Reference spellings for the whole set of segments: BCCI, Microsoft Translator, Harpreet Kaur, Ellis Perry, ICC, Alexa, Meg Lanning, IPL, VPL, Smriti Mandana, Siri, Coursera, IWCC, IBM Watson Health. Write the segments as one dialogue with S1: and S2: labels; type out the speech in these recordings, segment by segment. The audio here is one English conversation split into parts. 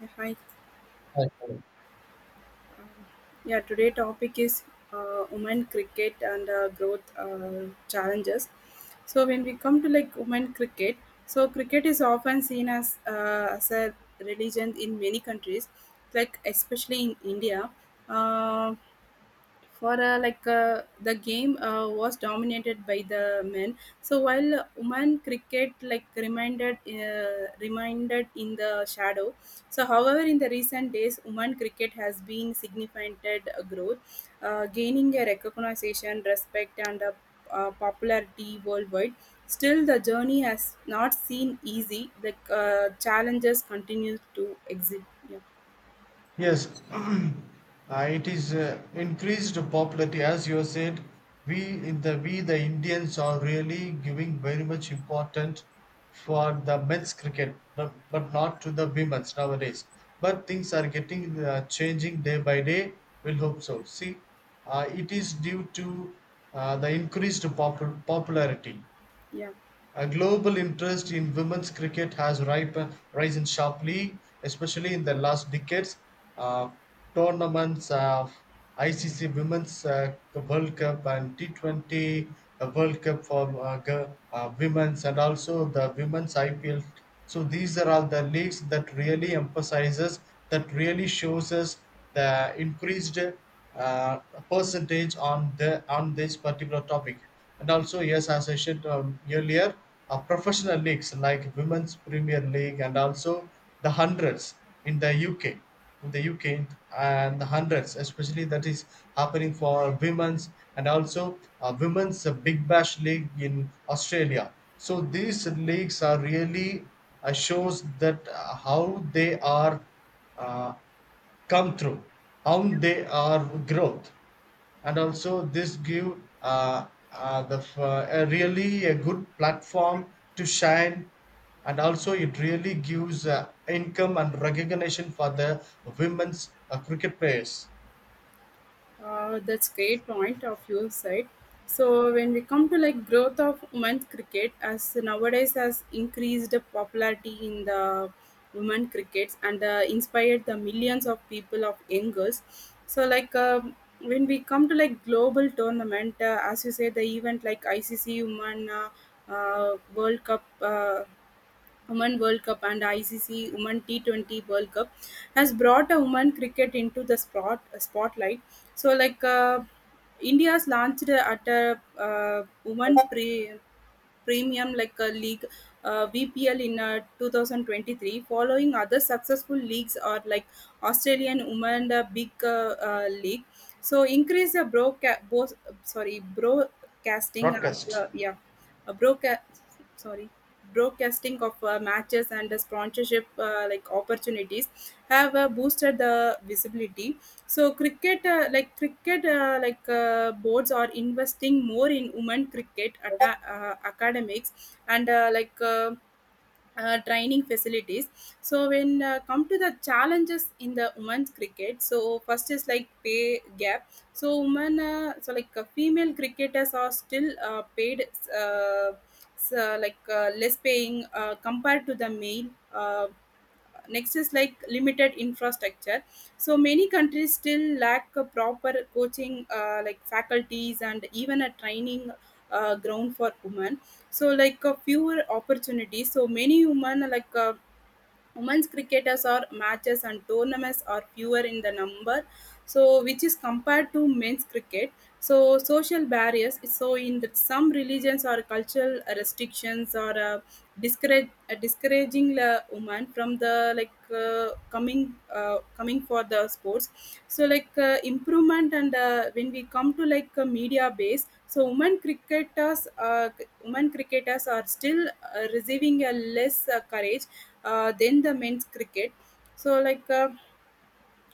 S1: Yeah, hi.
S2: I
S1: Yeah, today topic is women cricket and growth challenges. So when we come to like women cricket, so cricket is often seen as a religion in many countries, like especially in India. Uh, for like the game was dominated by the men, so while women cricket like reminded in the shadow. So however, in the recent days, women cricket has been significant growth, gaining a recognition, respect and popularity worldwide. Still the journey has not seen easy, the challenges continue to exist. Yeah,
S2: Yes, it is increased popularity as you said. We we the Indians are really giving very much important for the men's cricket, but not to the women's nowadays. But things are getting changing day by day. We'll hope so. See, it is due to the increased popularity.
S1: yeah.
S2: A global interest in women's cricket has risen sharply, especially in the last decades. Uh, tournaments of ICC Women's World Cup and T20 World Cup for women's, and also the women's IPL. So these are all the leagues that really shows us the increased uh, percentage on the on this particular topic. And also, yes, as I said earlier, professional leagues like Women's Premier League and also the hundreds in the UK, in the UK, and the hundreds, especially that is happening for women's, and also women's Big Bash League in Australia. So these leagues are really shows that how they are uh, come through, how they are growth, and also this give a really a good platform to shine, and also it really gives income and recognition for the women's cricket players.
S1: That's great point of your side. So when we come to like growth of women's cricket, as nowadays has increased the popularity in the women crickets and inspired the millions of people of young girls. So like when we come to like global tournament, as you say, the event like ICC Women World Cup. Women World Cup and ICC Women T20 World Cup has brought a women cricket into the spotlight. So like India's launched at a women premium like a league, VPL in 2023, following other successful leagues or like Australian women big league. So increase the broadca- bo- sorry broadcasting of,
S2: Broadcast.
S1: yeah, uh, broadcast sorry broadcasting of matches and the sponsorship like opportunities have boosted the visibility. So cricket boards are investing more in women cricket atta academics and training facilities. So when come to the challenges in the women's cricket, so first is like pay gap. So like female cricketers are still paid, uh, like less paying compared to the male. Uh, Next is like limited infrastructure. So many countries still lack a proper coaching, like faculties and even a training ground for women. So like fewer opportunities. So many women like. Women's cricketers or matches and tournaments are fewer in the number, so which is compared to men's cricket. So social barriers, so in that some religions or cultural restrictions or discouraging women from the like coming for the sports. So like improvement, and when we come to like media base, so women cricketers are still receiving a less courage than the men's cricket. So like. Uh,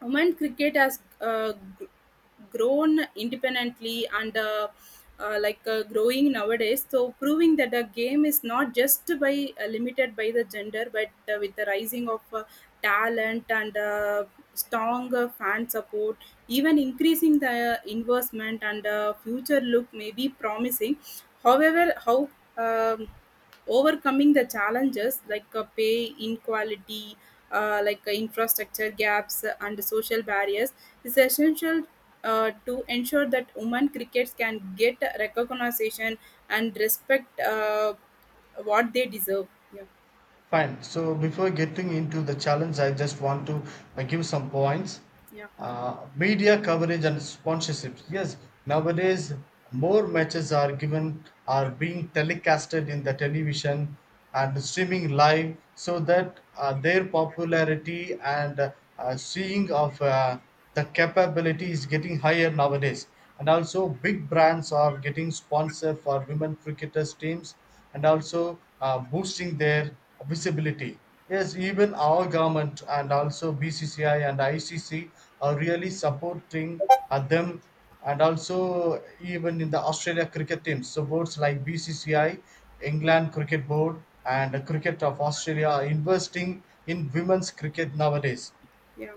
S1: Women cricket has grown independently and growing nowadays, so proving that the game is not just by limited by the gender, but with the rising of talent and strong fan support, even increasing the investment, and future look may be promising. However, how um, overcoming the challenges like pay inequality, infrastructure gaps and social barriers is essential, to ensure that women crickets can get recognition and respect, what they deserve. Yeah,
S2: Fine. So before getting into the challenge, I just want to give some points.
S1: yeah,
S2: Media coverage and sponsorships. Yes, nowadays more matches are being telecasted in the television and streaming live, so that their popularity and seeing of the capability is getting higher nowadays. And also, big brands are getting sponsored for women cricketers teams, and also boosting their visibility. Yes, even our government and also BCCI and ICC are really supporting them, and also even in the Australia cricket teams. So boards like BCCI, England Cricket Board, and Cricket of Australia are investing in women's cricket nowadays.
S1: yeah,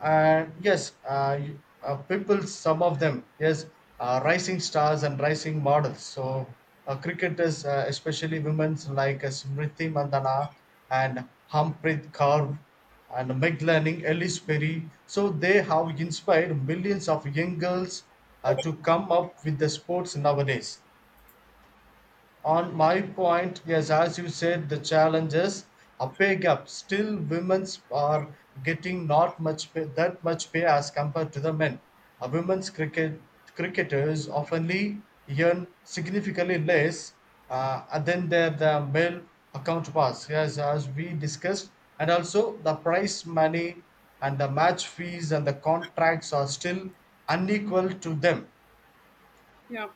S2: And yes, people, some of them, yes, rising stars and rising models. So cricketers, especially women's, like Smriti Mandana and Harpreet Kaur and Meg Lanning, Ellis Perry, so they have inspired millions of young girls to come up with the sports nowadays. On my point, yes, as you said, the challenges: a pay gap. Still, women's are getting not much pay, that much pay as compared to the men. A women's cricketers oftenly earn significantly less than the male counterparts. Yes, as we discussed, and also the prize money and the match fees and the contracts are still unequal to them.
S1: yeah.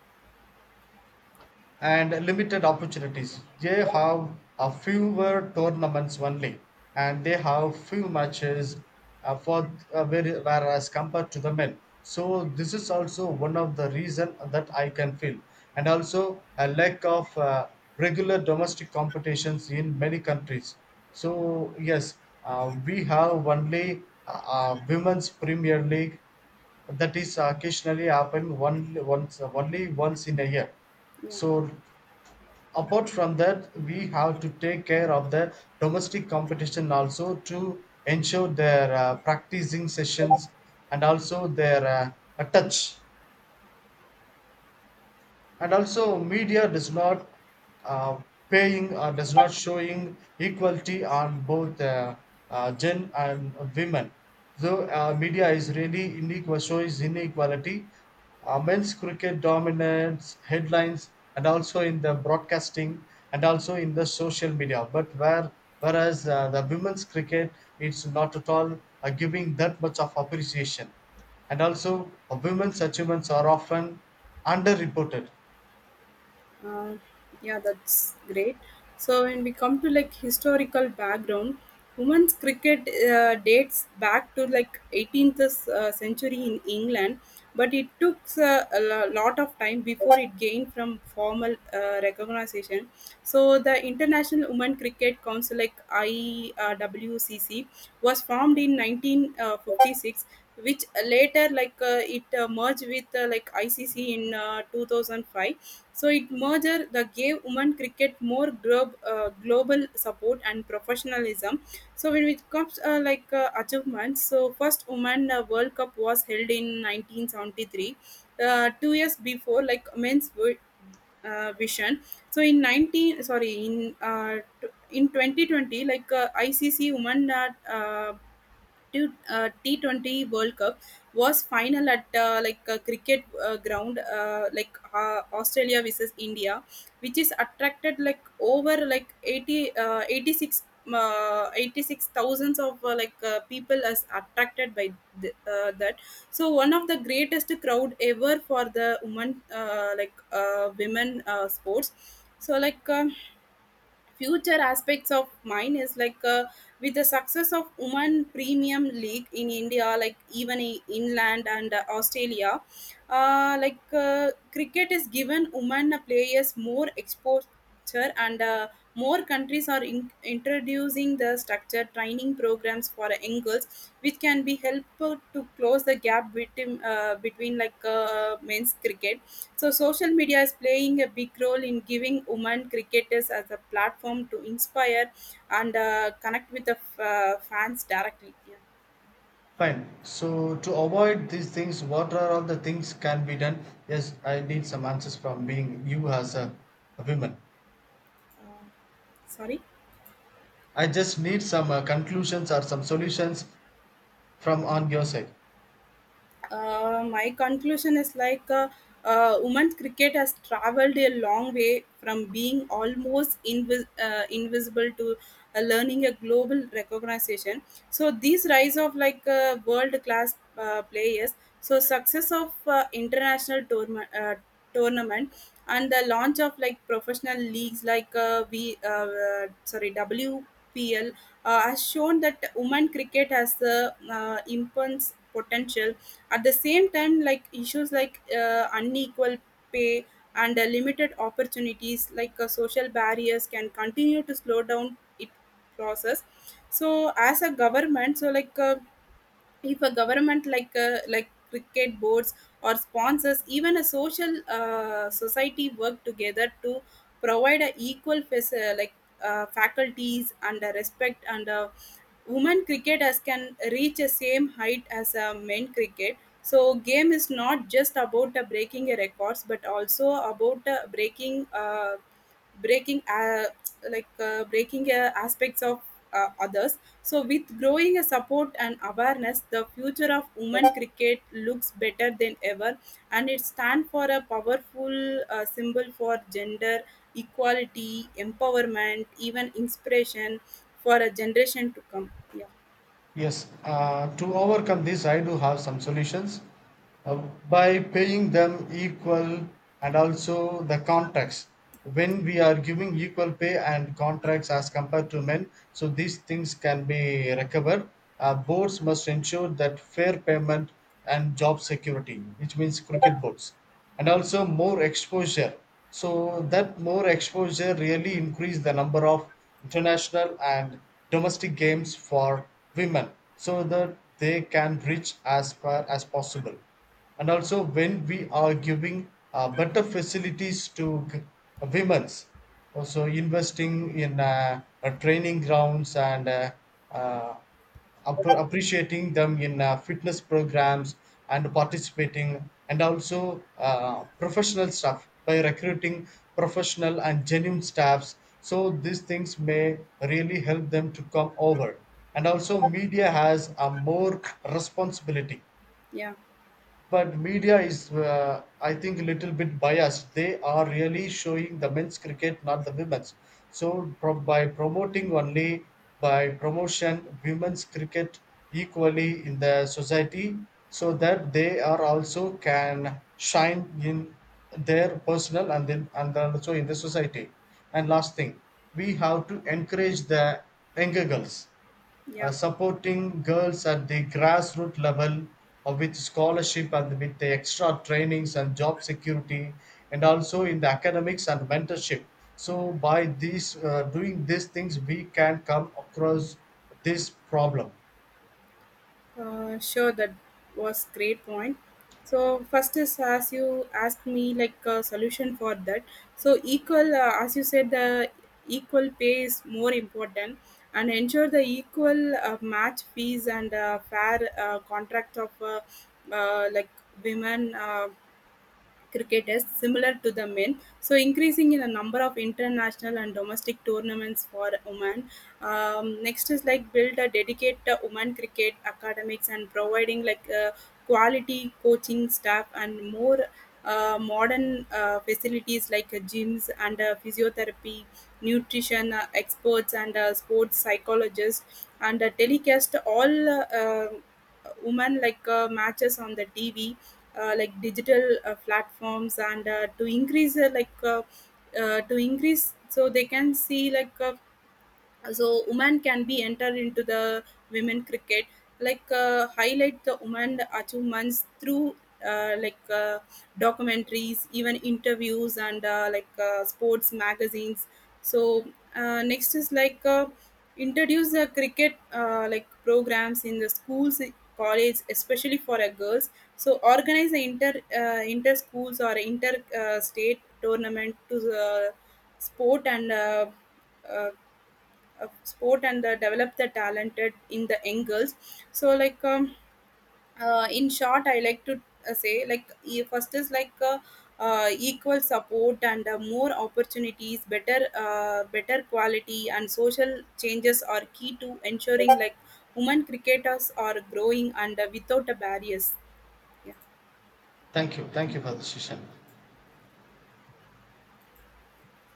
S2: And limited opportunities. They have a fewer tournaments only, and they have few matches for whereas compared to the men. So this is also one of the reason that I can feel, and also a lack of regular domestic competitions in many countries. So yes, we have only women's Premier League that is occasionally happen only once in a year. So apart from that, we have to take care of the domestic competition also to ensure their practicing sessions and also their touch. And also media does not uh, paying or does not showing equality on both gen and women. So media is really unequal, shows inequality. Men's cricket dominates headlines, and also in the broadcasting, and also in the social media. But whereas the women's cricket, it's not at all giving that much of appreciation. And also women's achievements are often underreported.
S1: Uh, yeah, that's great. So when we come to like historical background, women's cricket dates back to like 18th century in England, but it took a lot of time before it gained from formal recognition. So the International Women Cricket Council, like IWCC, was formed in 1956, which later it merged with like ICC in 2005, so it merger that gave women cricket more global support and professionalism. So when it comes like achievements, so first women World Cup was held in 1973, 2 years before like vision. So in 19, sorry in t- in 2020, like ICC women T20 World Cup was final at like a cricket ground, Australia versus India, which is attracted, like over like 80, 86, 86,000 of like people as attracted by that. So one of the greatest crowd ever for the women sports. So like future aspects of mine is like with the success of women premium league in India, like even in inland and Australia, cricket is given women players more exposure, and more countries are introducing the structured training programs for young girls, which can be helpful to close the gap between like men's cricket. So social media is playing a big role in giving women cricketers as a platform to inspire and connect with the fans directly. Yeah.
S2: Fine. So to avoid these things, what are all the things can be done? Yes, I need some answers from being you as a woman.
S1: Uh, Sorry.
S2: I just need some conclusions or some solutions from on your side.
S1: My conclusion is like women's cricket has traveled a long way from being almost invisible to learning a global recognition. So these rise of like world class players, so success of international tournament and the launch of like professional leagues like we sorry WPL has shown that women cricket has the immense potential. At the same time, like issues like unequal pay and limited opportunities, like social barriers, can continue to slow down it process. So, as a government, so like if a government like cricket boards or sponsors, even a social society work together to provide a equal faculties and respect, and women cricketers can reach the same height as a men cricket. So game is not just about breaking a records, but also about breaking uh, breaking aspects of others. So with growing a support and awareness, the future of women cricket looks better than ever, and it stands for a powerful symbol for gender equality, empowerment, even inspiration for a generation to come. Yeah,
S2: Yes, to overcome this, I do have some solutions by paying them equal and also the contracts. When we are giving equal pay and contracts as compared to men, so these things can be recovered. Boards must ensure that fair payment and job security, which means cricket boards, and also more exposure, so that more exposure really increased the number of international and domestic games for women so that they can reach as far as possible. And also when we are giving better facilities to women's, also investing in training grounds and uh, appreciating them in fitness programs and participating, and also professional staff by recruiting professional and genuine staffs, so these things may really help them to come over. And also media has a more responsibility,
S1: yeah,
S2: but media is I think a little bit biased. They are really showing the men's cricket, not the women's. So by promoting only by promotion women's cricket equally in the society, so that they are also can shine in their personal, and then also in the society. And last thing, we have to encourage the younger girls,
S1: yeah.
S2: supporting girls at the grassroots level, with scholarship and with the extra trainings and job security, and also in the academics and mentorship. So by these doing these things we can come across this problem.
S1: Sure, that was great point. So first is as you asked me like a solution for that. So as you said, the equal pay is more important, and ensure the equal match fees and fair contracts of like women. Cricketers similar to the men, so increasing in the number of international and domestic tournaments for women. Next is like build a dedicated women cricket academics and providing like quality coaching staff and more modern facilities like gyms and physiotherapy, nutrition experts and sports psychologists, and telecast all women like matches on the TV, like digital platforms, and to increase so they can see like so women can be entered into the women cricket, like highlight the women achievements through uh, like uh, documentaries, even interviews and sports magazines. So next is like introduce the cricket like programs in the schools, college, especially for a girls. So organize the inter schools or inter state tournament to the sport and uh, of sport and develop the talented in the young girls. So like in short, I like to say like first is like equal support and more opportunities, better quality and social changes are key to ensuring like women cricketers are growing and without a barriers. Yeah.
S2: Thank you, thank you for the session.